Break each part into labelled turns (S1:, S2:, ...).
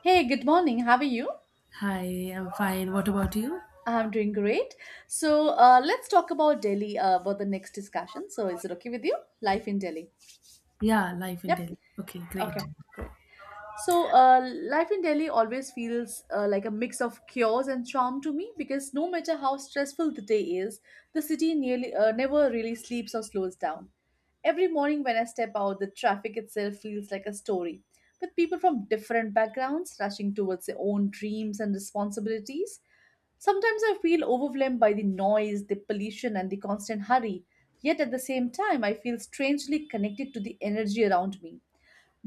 S1: Hey, good morning. How are you?
S2: Hi, I'm fine. What about you?
S1: I'm doing great. So, let's talk about Delhi for the next discussion. So, is it okay with you? Life in Delhi.
S2: Yeah, life and
S1: Yep.
S2: death. Okay, great.
S1: Okay, great. So, life in Delhi always feels like a mix of chaos and charm to me because no matter how stressful the day is, the city nearly never really sleeps or slows down. Every morning when I step out, the traffic itself feels like a story, with people from different backgrounds rushing towards their own dreams and responsibilities. Sometimes I feel overwhelmed by the noise, the pollution, and the constant hurry, yet at the same time, I feel strangely connected to the energy around me.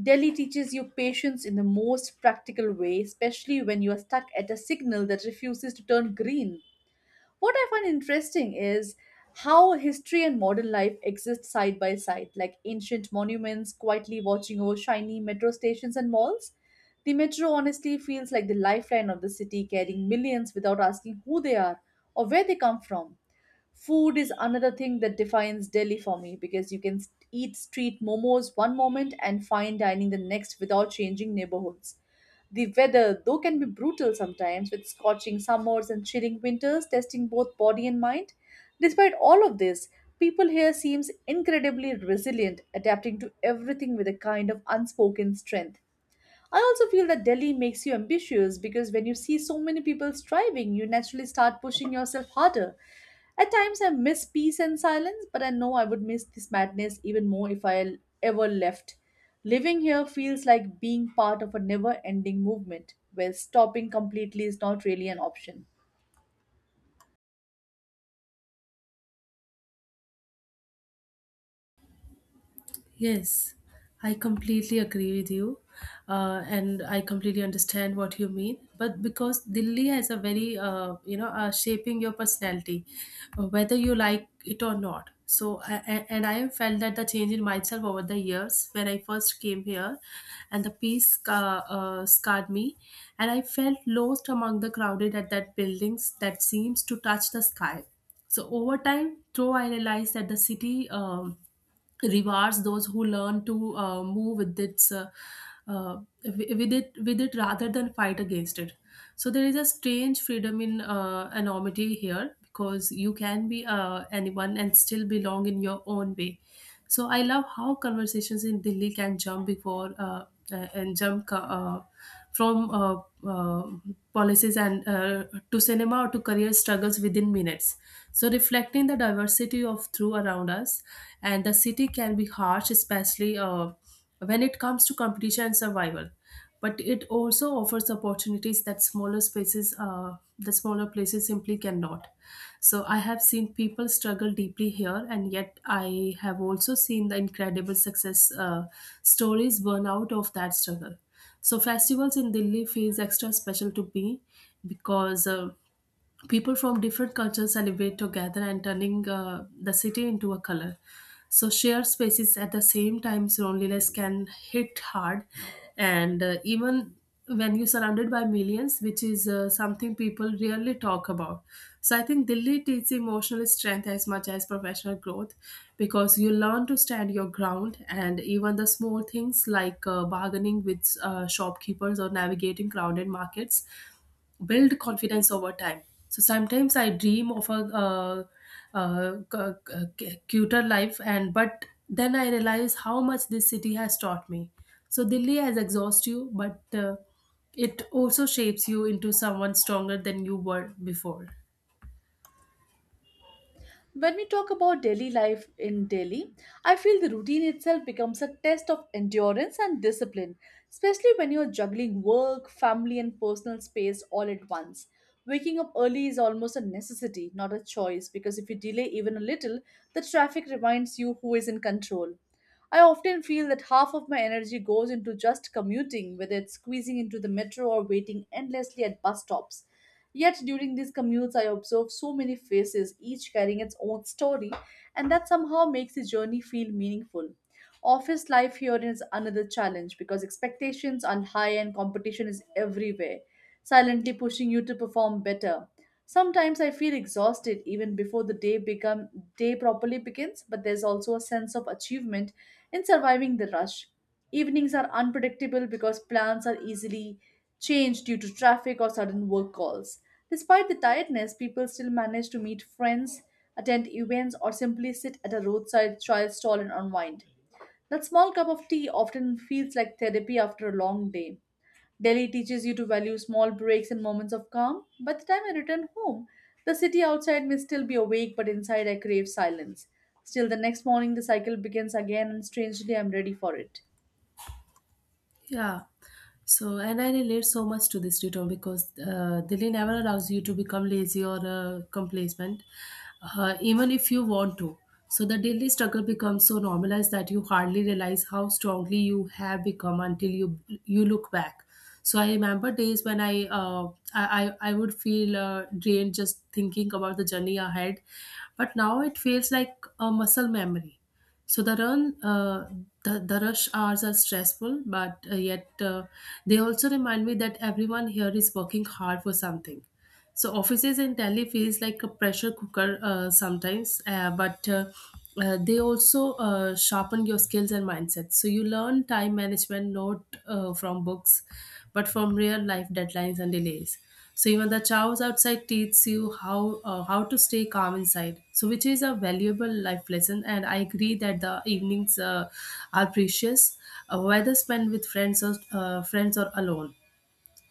S1: Delhi teaches you patience in the most practical way, especially when you are stuck at a signal that refuses to turn green. What I find interesting is how history and modern life exist side by side, like ancient monuments quietly watching over shiny metro stations and malls. The metro honestly feels like the lifeline of the city, carrying millions without asking who they are or where they come from. Food is another thing that defines Delhi for me because you can eat street momos one moment and fine dining the next without changing neighborhoods. The weather, though, can be brutal sometimes with scorching summers and chilling winters, testing both body and mind. Despite all of this, people here seems incredibly resilient, adapting to everything with a kind of unspoken strength. I also feel that Delhi makes you ambitious because when you see so many people striving, you naturally start pushing yourself harder. At times, I miss peace and silence, but I know I would miss this madness even more if I ever left. Living here feels like being part of a never ending movement where stopping completely is not really an option.
S2: Yes, I completely agree with you, and I completely understand what you mean. But because Delhi has a very, shaping your personality, whether you like it or not. So, and I have felt that the change in myself over the years when I first came here, and the scarred me, and I felt lost among the crowded at that buildings that seems to touch the sky. So over time, though I realized that the city rewards those who learn to move with its uh, with it rather than fight against it. So there is a strange freedom in anonymity here, because you can be anyone and still belong in your own way. So I love how conversations in Delhi can jump from uh, policies and to cinema or to career struggles within minutes. So reflecting the diversity of through around us, and the city can be harsh, especially when it comes to competition and survival, but it also offers opportunities that smaller spaces the smaller places simply cannot. So I have seen people struggle deeply here, and yet I have also seen the incredible success stories burn out of that struggle. So festivals in Delhi feels extra special to me, because people from different cultures celebrate together and turning the city into a color. So shared spaces at the same time, so loneliness can hit hard. And even when you're surrounded by millions, which is something people rarely talk about. So I think Delhi teaches emotional strength as much as professional growth, because you learn to stand your ground, and even the small things like bargaining with shopkeepers or navigating crowded markets build confidence over time. So sometimes I dream of a cuter life, and but then I realize how much this city has taught me. So Delhi has exhaust you, but it also shapes you into someone stronger than you were before.
S1: When we talk about daily life in Delhi, I feel the routine itself becomes a test of endurance and discipline, especially when you're juggling work, family, and personal space all at once. Waking up early is almost a necessity, not a choice, because if you delay even a little, the traffic reminds you who is in control. I often feel that half of my energy goes into just commuting, whether it's squeezing into the metro or waiting endlessly at bus stops. Yet during these commutes, I observe so many faces, each carrying its own story, and that somehow makes the journey feel meaningful. Office life here is another challenge because expectations are high and competition is everywhere, silently pushing you to perform better. Sometimes I feel exhausted even before the day become day properly begins, but there's also a sense of achievement in surviving the rush. Evenings are unpredictable because plans are easily changed due to traffic or sudden work calls. Despite the tiredness, people still manage to meet friends, attend events, or simply sit at a roadside chai stall and unwind. That small cup of tea often feels like therapy after a long day. Delhi teaches you to value small breaks and moments of calm. By the time I return home, the city outside may still be awake, but inside I crave silence. Still, the next morning the cycle begins again, and strangely, I'm ready for it.
S2: Yeah. So, and I relate so much to this return because Delhi never allows you to become lazy or complacent, even if you want to. So, the daily struggle becomes so normalized that you hardly realize how strongly you have become until you look back. So, I remember days when I would feel drained just thinking about the journey ahead, but now it feels like a muscle memory. So the rush hours are stressful, but yet they also remind me that everyone here is working hard for something. So offices in Delhi feels like a pressure cooker sometimes, but they also sharpen your skills and mindset. So you learn time management not from books, but from real life deadlines and delays. So even the chaos outside teaches you how to stay calm inside. So which is a valuable life lesson, and I agree that the evenings are precious, whether spent with friends or alone,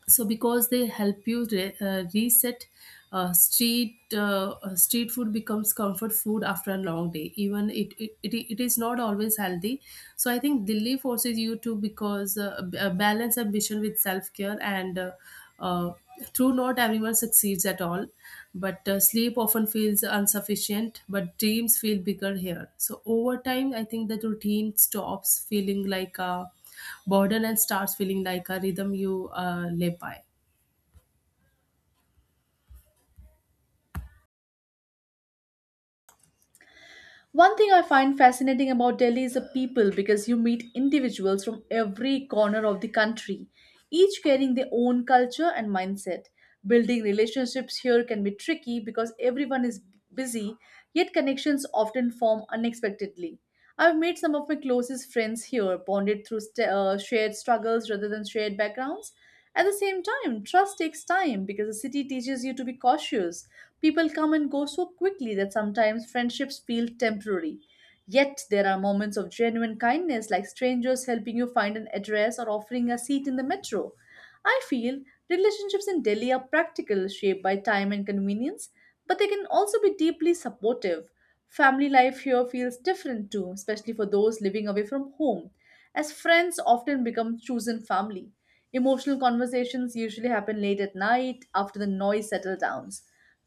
S2: so because they help you reset. Street food becomes comfort food after a long day, even it is not always healthy. So I think Delhi forces you to balance ambition with self care and uh, true, not everyone succeeds at all, but sleep often feels insufficient, but dreams feel bigger here. So, over time, I think that routine stops feeling like a burden and starts feeling like a rhythm you live by.
S1: One thing I find fascinating about Delhi is the people because you meet individuals from every corner of the country, each carrying their own culture and mindset. Building relationships here can be tricky because everyone is busy, yet connections often form unexpectedly. I've made some of my closest friends here, bonded through shared struggles rather than shared backgrounds. At the same time, trust takes time because the city teaches you to be cautious. People come and go so quickly that sometimes friendships feel temporary. Yet there are moments of genuine kindness, like strangers helping you find an address or offering a seat in the metro. I feel relationships in Delhi are practical, shaped by time and convenience, but they can also be deeply supportive. Family life here feels different too, especially for those living away from home, as friends often become chosen family. Emotional conversations usually happen late at night after the noise settles down.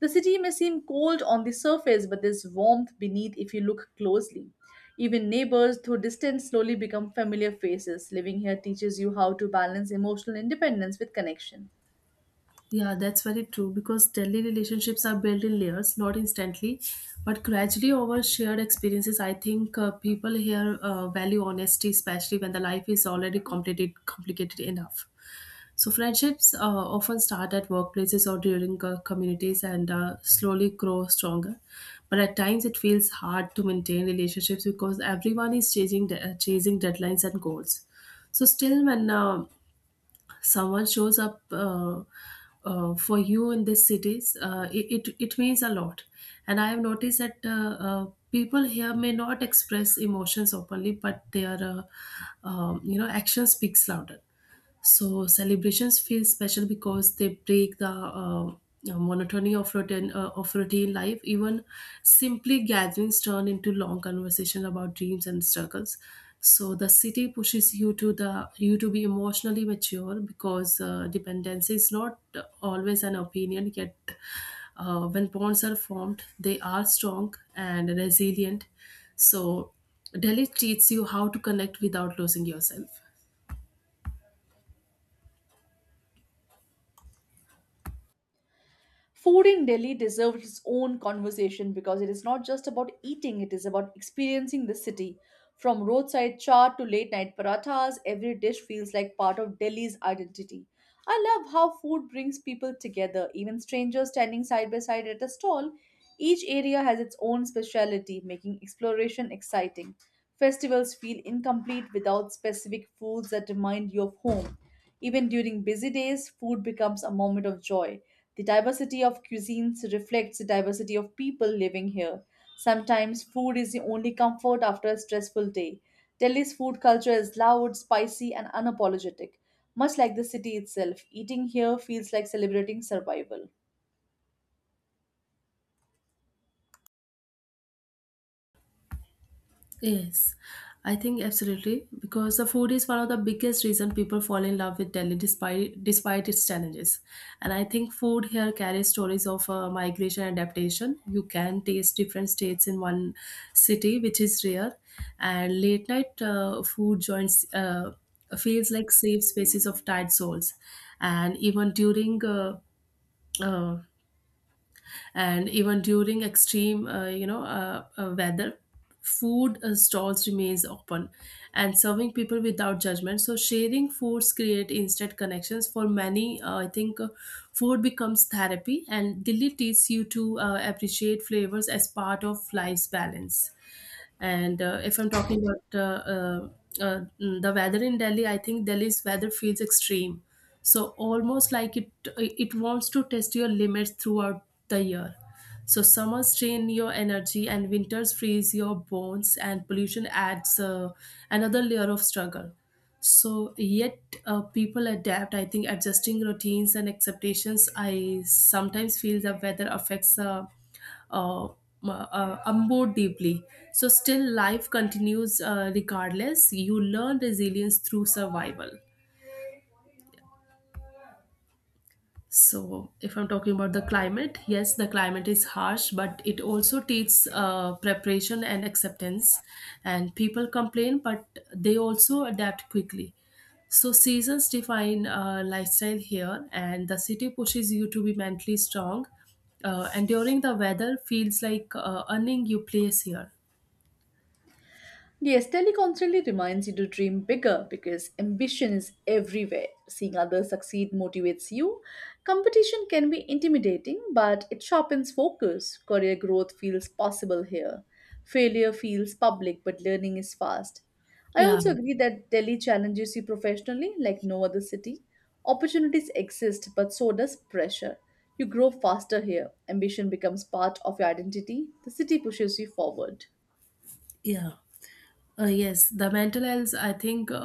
S1: The city may seem cold on the surface, but there's warmth beneath if you look closely. Even neighbors through distance slowly become familiar faces. Living here teaches you how to balance emotional independence with connection.
S2: Yeah, that's very true because Delhi relationships are built in layers, not instantly, but gradually over shared experiences. I think people here value honesty, especially when the life is already complicated enough. So friendships often start at workplaces or during communities and slowly grow stronger. But at times it feels hard to maintain relationships because everyone is chasing deadlines and goals. So still, when someone shows up for you in these cities, it means a lot. And I have noticed that people here may not express emotions openly, but their action speaks louder. So celebrations feel special because they break the monotony of routine life. Even simply gatherings turn into long conversation about dreams and struggles. So the city pushes you to be emotionally mature, because dependency is not always an opinion. Yet, when bonds are formed, they are strong and resilient. So Delhi teaches you how to connect without losing yourself.
S1: Food in Delhi deserves its own conversation because it is not just about eating, it is about experiencing the city. From roadside chaat to late night parathas, every dish feels like part of Delhi's identity. I love how food brings people together. Even strangers standing side by side at a stall. Each area has its own specialty, making exploration exciting. Festivals feel incomplete without specific foods that remind you of home. Even during busy days, food becomes a moment of joy. The diversity of cuisines reflects the diversity of people living here. Sometimes food is the only comfort after a stressful day. Delhi's food culture is loud, spicy, and unapologetic. Much like the city itself, eating here feels like celebrating survival.
S2: Yes, I think absolutely because the food is one of the biggest reason people fall in love with Delhi despite its challenges. And I think food here carries stories of migration and adaptation. You can taste different states in one city, which is rare. And late night food joints feels like safe spaces of tired souls. And even during uh, uh, and even during extreme weather, food stalls remains open and serving people without judgment. So sharing foods create instant connections for many. I think food becomes therapy, and Delhi teaches you to appreciate flavors as part of life's balance. And if I'm talking about the weather in Delhi, I think Delhi's weather feels extreme. So almost like it wants to test your limits throughout the year. So summers drain your energy and winters freeze your bones, and pollution adds another layer of struggle. So yet people adapt. I think adjusting routines and expectations. I sometimes feel the weather affects. Uh, Onboard deeply. So, still life continues regardless. You learn resilience through survival. So, if I'm talking about the climate, yes, the climate is harsh, but it also takes preparation and acceptance. And people complain, but they also adapt quickly. So, seasons define lifestyle here, and the city pushes you to be mentally strong. Enduring the weather feels like earning your place here.
S1: Yes, Telly constantly reminds you to dream bigger because ambition is everywhere. Seeing others succeed motivates you. Competition can be intimidating, but it sharpens focus. Career growth feels possible here. Failure feels public, but learning is fast. I
S2: Yeah,
S1: also agree that Delhi challenges you professionally like no other city. Opportunities exist, but so does pressure. You grow faster here. Ambition becomes part of your identity. The city pushes you forward.
S2: yeah. Yes, the mental health, I think,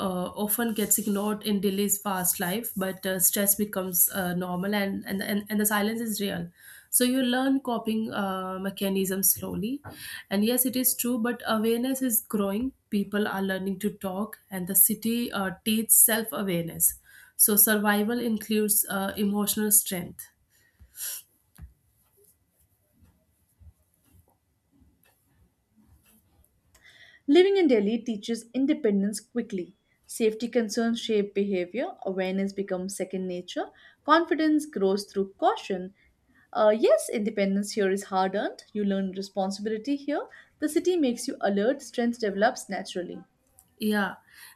S2: often gets ignored in Delhi's fast life, but stress becomes normal, and the silence is real. So you learn coping mechanisms slowly. And yes, it is true, but awareness is growing. People are learning to talk, and the city teaches self awareness. So survival includes emotional strength.
S1: Living in Delhi teaches independence quickly. Safety concerns shape behavior, awareness becomes second nature, confidence grows through caution. Yes, independence here is hard earned. You learn responsibility here. The city makes you alert, strength develops naturally.
S2: Yeah,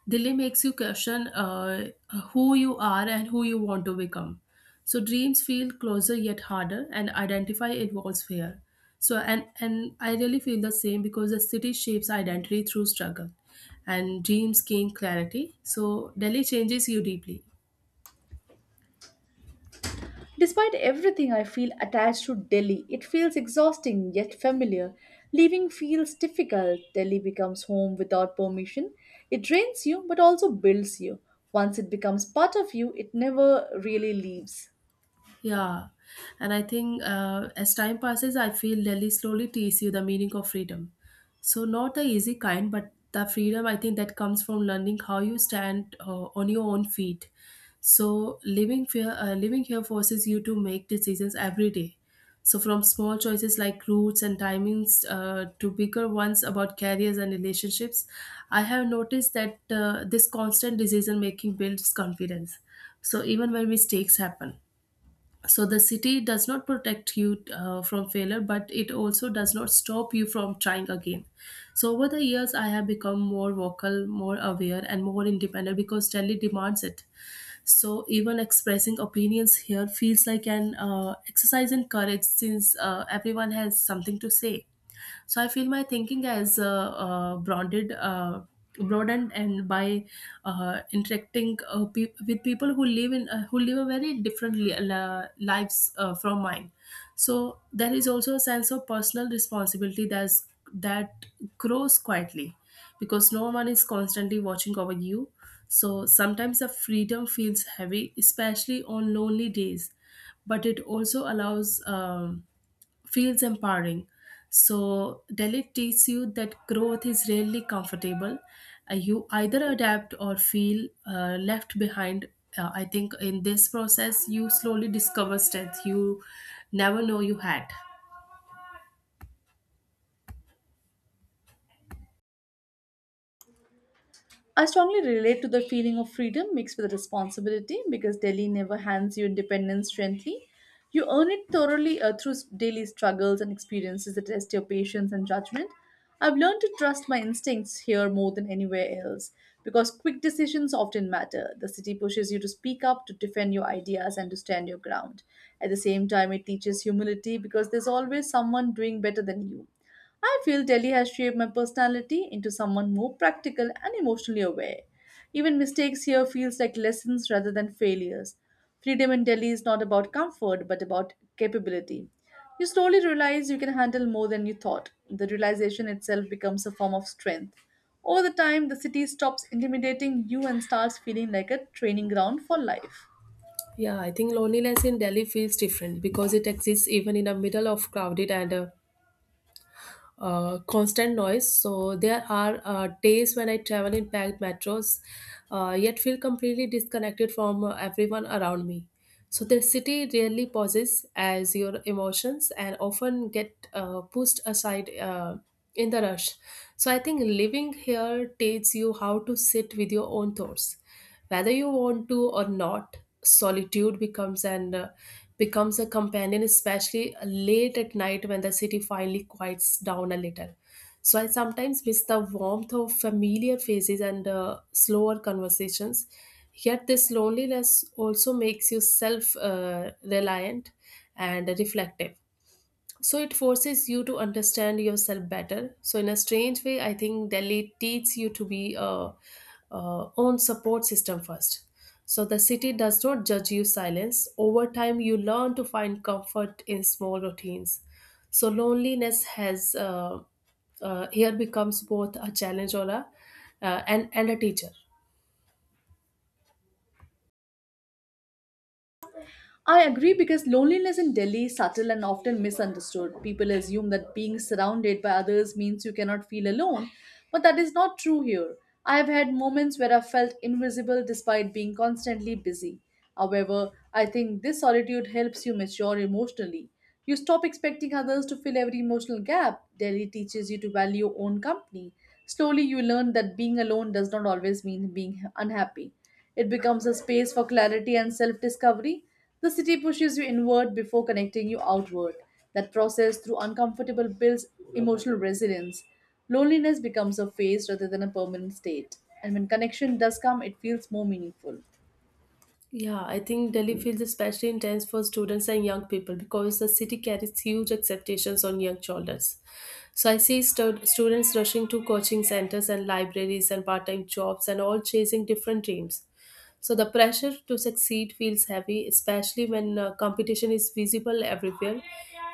S2: Delhi makes you question who you are and who you want to become. So dreams feel closer yet harder, and identify involves fear. So and I really feel the same because the city shapes identity through struggle, and dreams gain clarity. So Delhi changes you deeply.
S1: Despite everything, I feel attached to Delhi. It feels exhausting yet familiar. Leaving feels difficult. Delhi becomes home without permission. It drains you but also builds you. Once it becomes part of you, it never really leaves.
S2: Yeah, and I think as time passes, I feel Delhi slowly teaches you the meaning of freedom. So not the easy kind, but the freedom I think that comes from learning how you stand on your own feet. So living here forces you to make decisions every day. So from small choices like routes and timings to bigger ones about careers and relationships, I have noticed that this constant decision making builds confidence. So even when mistakes happen, so the city does not protect you from failure, but it also does not stop you from trying again. So over the years I have become more vocal, more aware, and more independent, because Delhi demands it. So even expressing opinions here feels like an exercise in courage, since everyone has something to say. So I feel my thinking has broadened, and by interacting with people who live in who live a very different lives from mine. So there is also a sense of personal responsibility that grows quietly, because no one is constantly watching over you. So sometimes the freedom feels heavy, especially on lonely days, but it also allows. Feels empowering. So, Delhi teaches you that growth is rarely comfortable. You either adapt or feel left behind. I think in this process, you slowly discover strength you never know you had.
S1: I strongly relate to the feeling of freedom mixed with responsibility because Delhi never hands you independence gently. You earn it thoroughly through daily struggles and experiences that test your patience and judgment. I've learned to trust my instincts here more than anywhere else because quick decisions often matter. The city pushes you to speak up, to defend your ideas, and to stand your ground. At the same time, it teaches humility because there's always someone doing better than you. I feel Delhi has shaped my personality into someone more practical and emotionally aware. Even mistakes here feels like lessons rather than failures. Freedom in Delhi is not about comfort but about capability. You slowly realize you can handle more than you thought. The realization itself becomes a form of strength. Over the time, the city stops intimidating you and starts feeling like a training ground for life.
S2: Yeah, I think loneliness in Delhi feels different because it exists even in the middle of crowded and constant noise. So there are days when I travel in packed metros, yet feel completely disconnected from everyone around me. So the city rarely pauses as your emotions and often get pushed aside. In the rush. So I think living here teaches you how to sit with your own thoughts, whether you want to or not. Solitude becomes a companion, especially late at night when the city finally quiets down a little. So I sometimes miss the warmth of familiar faces and slower conversations. Yet this loneliness also makes you self-reliant and reflective, so it forces you to understand yourself better. So in a strange way, I think Delhi teaches you to be a own support system first. So the city does not judge you silence. Over time, you learn to find comfort in small routines. So loneliness has here becomes both a challenge or a and a teacher.
S1: I agree because loneliness in Delhi is subtle and often misunderstood. People assume that being surrounded by others means you cannot feel alone, but that is not true here. I have had moments where I felt invisible despite being constantly busy. However, I think this solitude helps you mature emotionally. You stop expecting others to fill every emotional gap. Delhi teaches you to value your own company. Slowly, you learn that being alone does not always mean being unhappy. It becomes a space for clarity and self discovery. The city pushes you inward before connecting you outward. That process through uncomfortable builds emotional resilience. Loneliness becomes a phase rather than a permanent state. And when connection does come, it feels more meaningful.
S2: Yeah, I think Delhi feels especially intense for students and young people because the city carries huge expectations on young shoulders. So I see students rushing to coaching centers and libraries and part time jobs, and all chasing different dreams. So the pressure to succeed feels heavy, especially when competition is visible everywhere.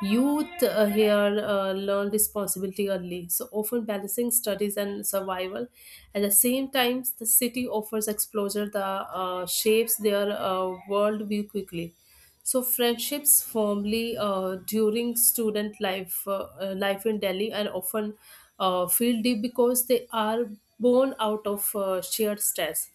S2: Youth here learn responsibility early, so often balancing studies and survival. At the same time, the city offers exposure that shapes their worldview quickly. So friendships formally during student life in Delhi and often feel deep because they are born out of shared stress.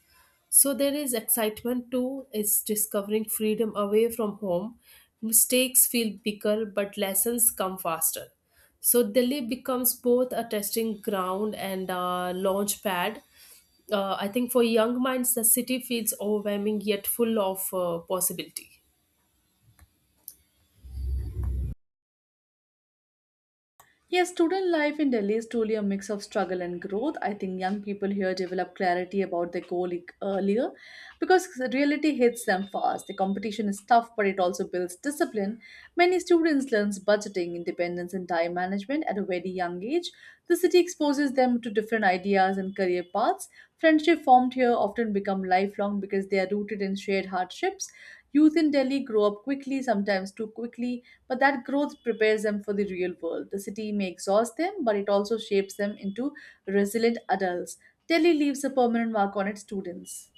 S2: So there is excitement too, is discovering freedom away from home. Mistakes feel bigger, but lessons come faster. So Delhi becomes both a testing ground and a launch pad. I think for young minds, the city feels overwhelming yet full of possibility.
S1: Yes, student life in Delhi is truly a mix of struggle and growth. I think young people here develop clarity about their earlier because reality hits them fast. The competition is tough, but it also builds discipline. Many students learn budgeting, independence, and time management at a very young age. The city exposes them to different ideas and career paths. Friendship formed here often become lifelong because they are rooted in shared hardships. Youth in Delhi grow up quickly, sometimes too quickly, but that growth prepares them for the real world. The city may exhaust them, but it also shapes them into resilient adults. Delhi leaves a permanent mark on its students.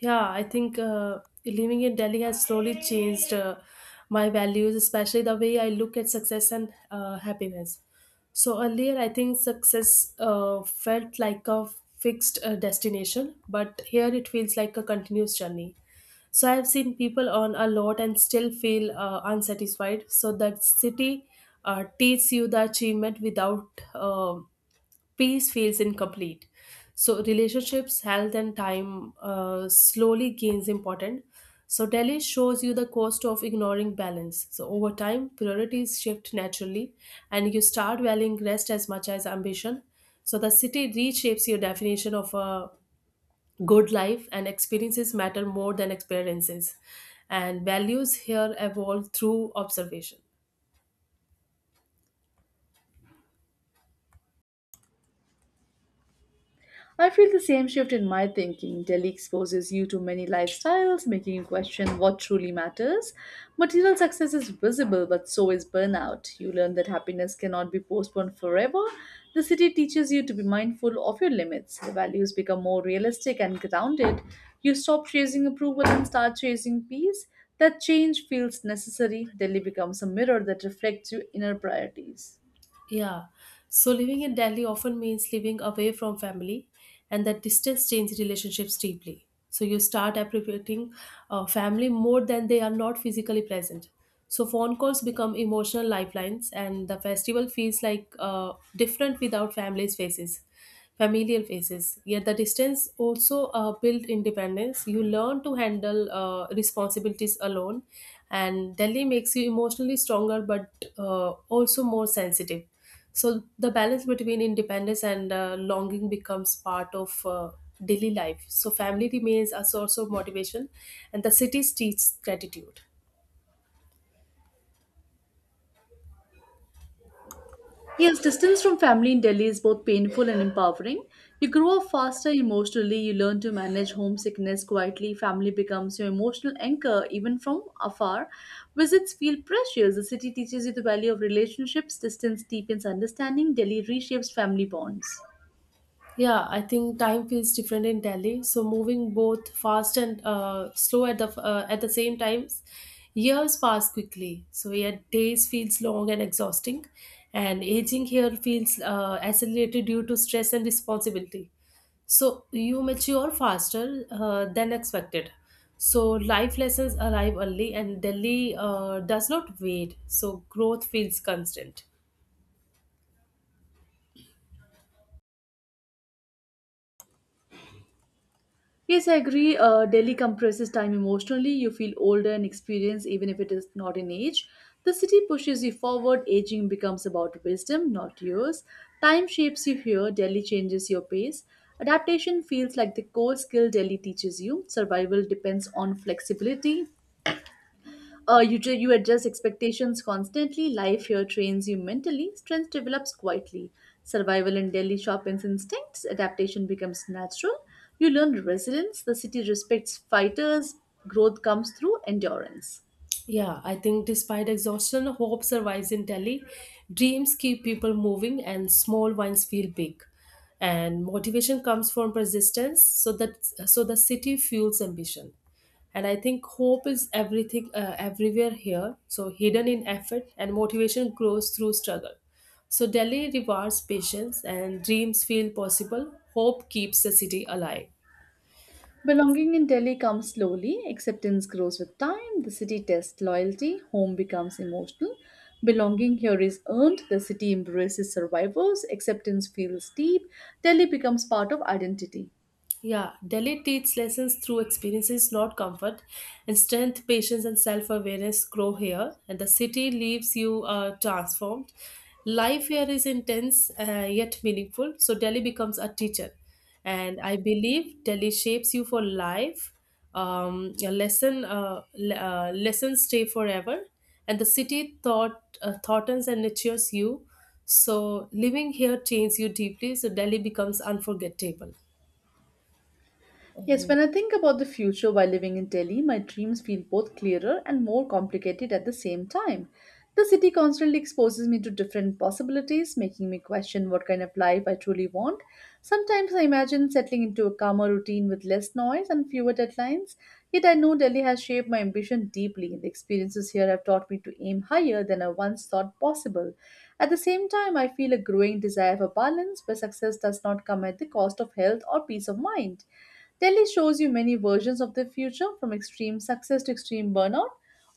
S2: Yeah, I think living in Delhi has slowly changed my values, especially the way I look at success and happiness. So earlier, I think success felt like a fixed destination, but here it feels like a continuous journey. So I have seen people earn a lot and still feel unsatisfied. So that city teaches you the achievement without peace feels incomplete. So relationships, health, and time slowly gains importance. So Delhi shows you the cost of ignoring balance. So over time, priorities shift naturally, and you start valuing rest as much as ambition. So the city reshapes your definition of a good life, and experiences matter more than experiences, and values here evolve through observation.
S1: I feel the same shift in my thinking. Delhi exposes you to many lifestyles, making you question what truly matters. Material success is visible, but so is burnout. You learn that happiness cannot be postponed forever. The city teaches you to be mindful of your limits. The values become more realistic and grounded. You stop chasing approval and start chasing peace. That change feels necessary. Delhi becomes a mirror that reflects your inner priorities.
S2: Yeah. So living in Delhi often means living away from family, and that distance changes relationships deeply. So you start appreciating family more than they are not physically present. So phone calls become emotional lifelines, and the festival feels like different without families' faces familiar faces. Yet the distance also built independence. You learn to handle responsibilities alone, and Delhi makes you emotionally stronger but also more sensitive. So the balance between independence and longing becomes part of daily life. So family remains a source of motivation, and the cities teach gratitude.
S1: Yes, distance from family in Delhi is both painful and empowering. You grow up faster emotionally, you learn to manage homesickness quietly, family becomes your emotional anchor even from afar. Visits feel precious. The city teaches you the value of relationships, distance deepens understanding, Delhi reshapes family bonds.
S2: Yeah, I think time feels different in Delhi. So moving both fast and slow at the same times, years pass quickly. So yet days feels long and exhausting, and aging here feels accelerated due to stress and responsibility. So you mature faster than expected. So life lessons arrive early, and Delhi does not wait. So growth feels constant.
S1: Yes, I agree. Delhi compresses time emotionally. You feel older and experienced, even if it is not in age. The city pushes you forward. Aging becomes about wisdom, not years. Time shapes you here. Delhi changes your pace. Adaptation feels like the core skill Delhi teaches you. Survival depends on flexibility. You adjust expectations constantly. Life here trains you mentally. Strength develops quietly. Survival in Delhi sharpens instincts. Adaptation becomes natural. You learn resilience. The city respects fighters. Growth comes through endurance.
S2: Yeah, I think despite exhaustion, hope survives in Delhi. Dreams keep people moving, and small ones feel big. And motivation comes from persistence, so the city fuels ambition. And I think hope is everything, everywhere here. So hidden in effort, and motivation grows through struggle. So Delhi rewards patience, and dreams feel possible. Hope keeps the city alive.
S1: Belonging in Delhi comes slowly. Acceptance grows with time. The city tests loyalty. Home becomes emotional. Belonging here is earned. The city embraces survivors. Acceptance feels deep. Delhi becomes part of identity.
S2: Yeah, Delhi teaches lessons through experiences, not comfort, and strength, patience, and self awareness grow here. And the city leaves you transformed. Life here is intense yet meaningful, so Delhi becomes a teacher. And I believe Delhi shapes you for life. Lessons stay forever, and the city thoughtens and nurtures you. So living here changes you deeply. So Delhi becomes unforgettable.
S1: Yes, when I think about the future while living in Delhi, my dreams feel both clearer and more complicated at the same time. The city constantly exposes me to different possibilities, making me question what kind of life I truly want. Sometimes I imagine settling into a calmer routine with less noise and fewer deadlines. Yet I know Delhi has shaped my ambition deeply, and the experiences here have taught me to aim higher than I once thought possible. At the same time, I feel a growing desire for balance where success does not come at the cost of health or peace of mind. Delhi shows you many versions of the future, from extreme success to extreme burnout.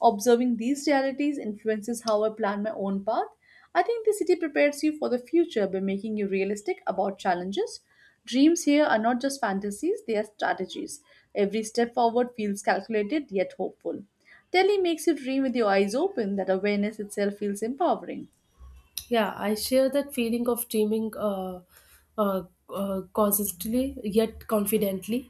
S1: Observing these realities influences how I plan my own path. I think the city prepares you for the future by making you realistic about challenges. Dreams here are not just fantasies, they are strategies. Every step forward feels calculated yet hopeful. Delhi makes you dream with your eyes open, that awareness itself feels empowering.
S2: Yeah, I share that feeling of dreaming uh, cautiously yet confidently.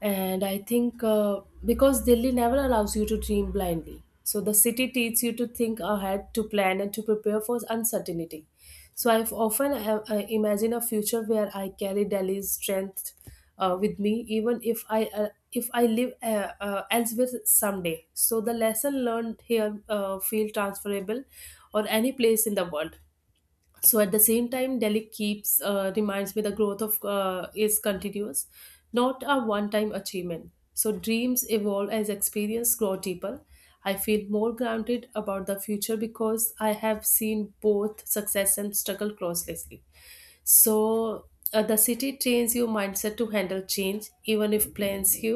S2: And I think because Delhi never allows you to dream blindly. So the city teaches you to think ahead, to plan, and to prepare for uncertainty. So I've often imagine a future where I carry Delhi's strength with me, even if I live elsewhere someday. So the lesson learned here feel transferable or any place in the world. So at the same time, Delhi keeps reminds me the growth of is continuous, not a one time achievement. So dreams evolve as experience grow deeper. I feel more grounded about the future because I have seen both success and struggle closely. So the city trains your mindset to handle change, even if plans you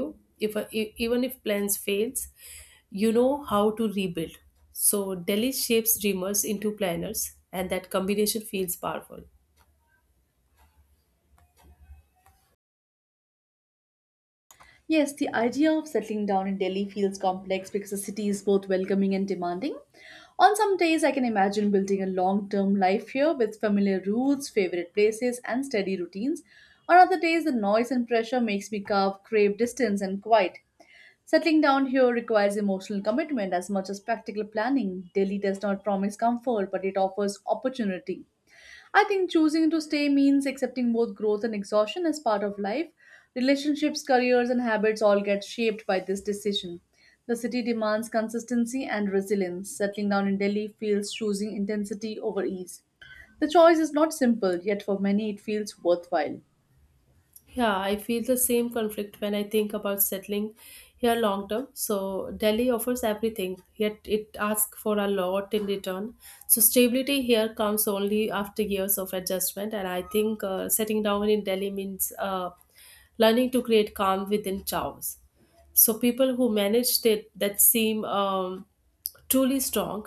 S2: if e- even if plans fails, you know how to rebuild. So Delhi shapes dreamers into planners, and that combination feels powerful.
S1: Yes, the idea of settling down in Delhi feels complex because the city is both welcoming and demanding. On some days, I can imagine building a long term life here with familiar routes, favorite places, and steady routines. On other days, the noise and pressure makes me crave distance and quiet. Settling down here requires emotional commitment as much as practical planning. Delhi does not promise comfort, but it offers opportunity. I think choosing to stay means accepting both growth and exhaustion as part of life. Relationships, careers, and habits all get shaped by this decision. The city demands consistency and resilience. Settling down in Delhi feels choosing intensity over ease. The choice is not simple, yet for many it feels worthwhile.
S2: Yeah, I feel the same conflict when I think about settling here long term. So Delhi offers everything, yet it asks for a lot in return. So stability here comes only after years of adjustment, and I think setting down in Delhi means learning to create calm within chaos. So people who managed it that seem truly strong.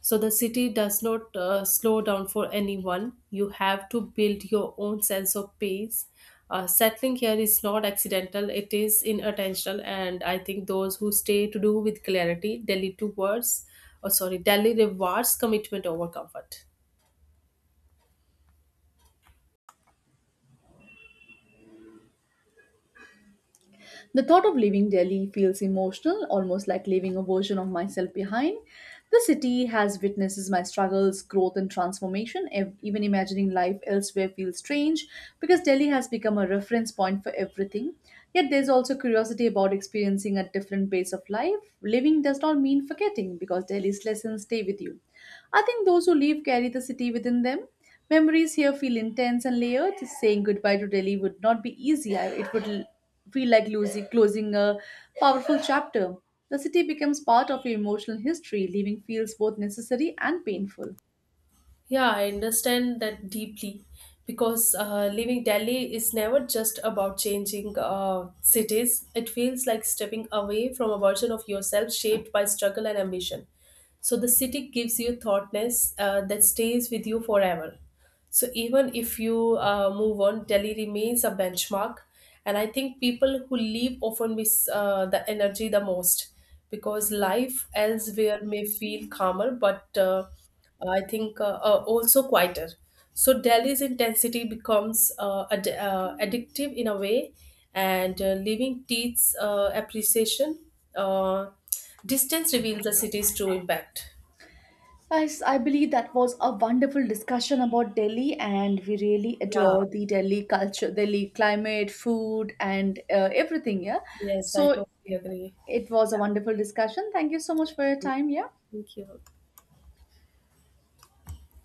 S2: So the city does not slow down for anyone. You have to build your own sense of pace. Settling here is not accidental, it is in intentional, and I think those who stay to do with clarity. Delhi towards or sorry delhi rewards commitment over comfort.
S1: The thought of leaving Delhi feels emotional, almost like leaving a version of myself behind. The city has witnesses my struggles, growth, and transformation. Even imagining life elsewhere feels strange because Delhi has become a reference point for everything. Yet there's also curiosity about experiencing a different pace of life. Living does not mean forgetting because Delhi's lessons stay with you. I think those who leave carry the city within them. Memories here feel intense and layered. Saying goodbye to Delhi would not be easy. Feel like closing a powerful chapter. The city becomes part of your emotional history. Leaving feels both necessary and painful.
S2: Yeah, I understand that deeply because leaving Delhi is never just about changing cities. It feels like stepping away from a version of yourself shaped by struggle and ambition. So the city gives you thoughtness that stays with you forever. So even if you move on, Delhi remains a benchmark, and I think people who leave often miss the energy the most, because life elsewhere may feel calmer, but I think also quieter. So Delhi's intensity becomes addictive in a way, and leaving teaches appreciation. Uh, Distance reveals the city's true impact.
S1: Guys, I believe that was a wonderful discussion about Delhi, and we really
S2: Yeah.
S1: adore the Delhi culture, Delhi climate, food, and everything. Yeah.
S2: Yes, I
S1: So
S2: totally agree.
S1: it was a wonderful discussion. Thank you so much for your time. Yeah.
S2: Thank you.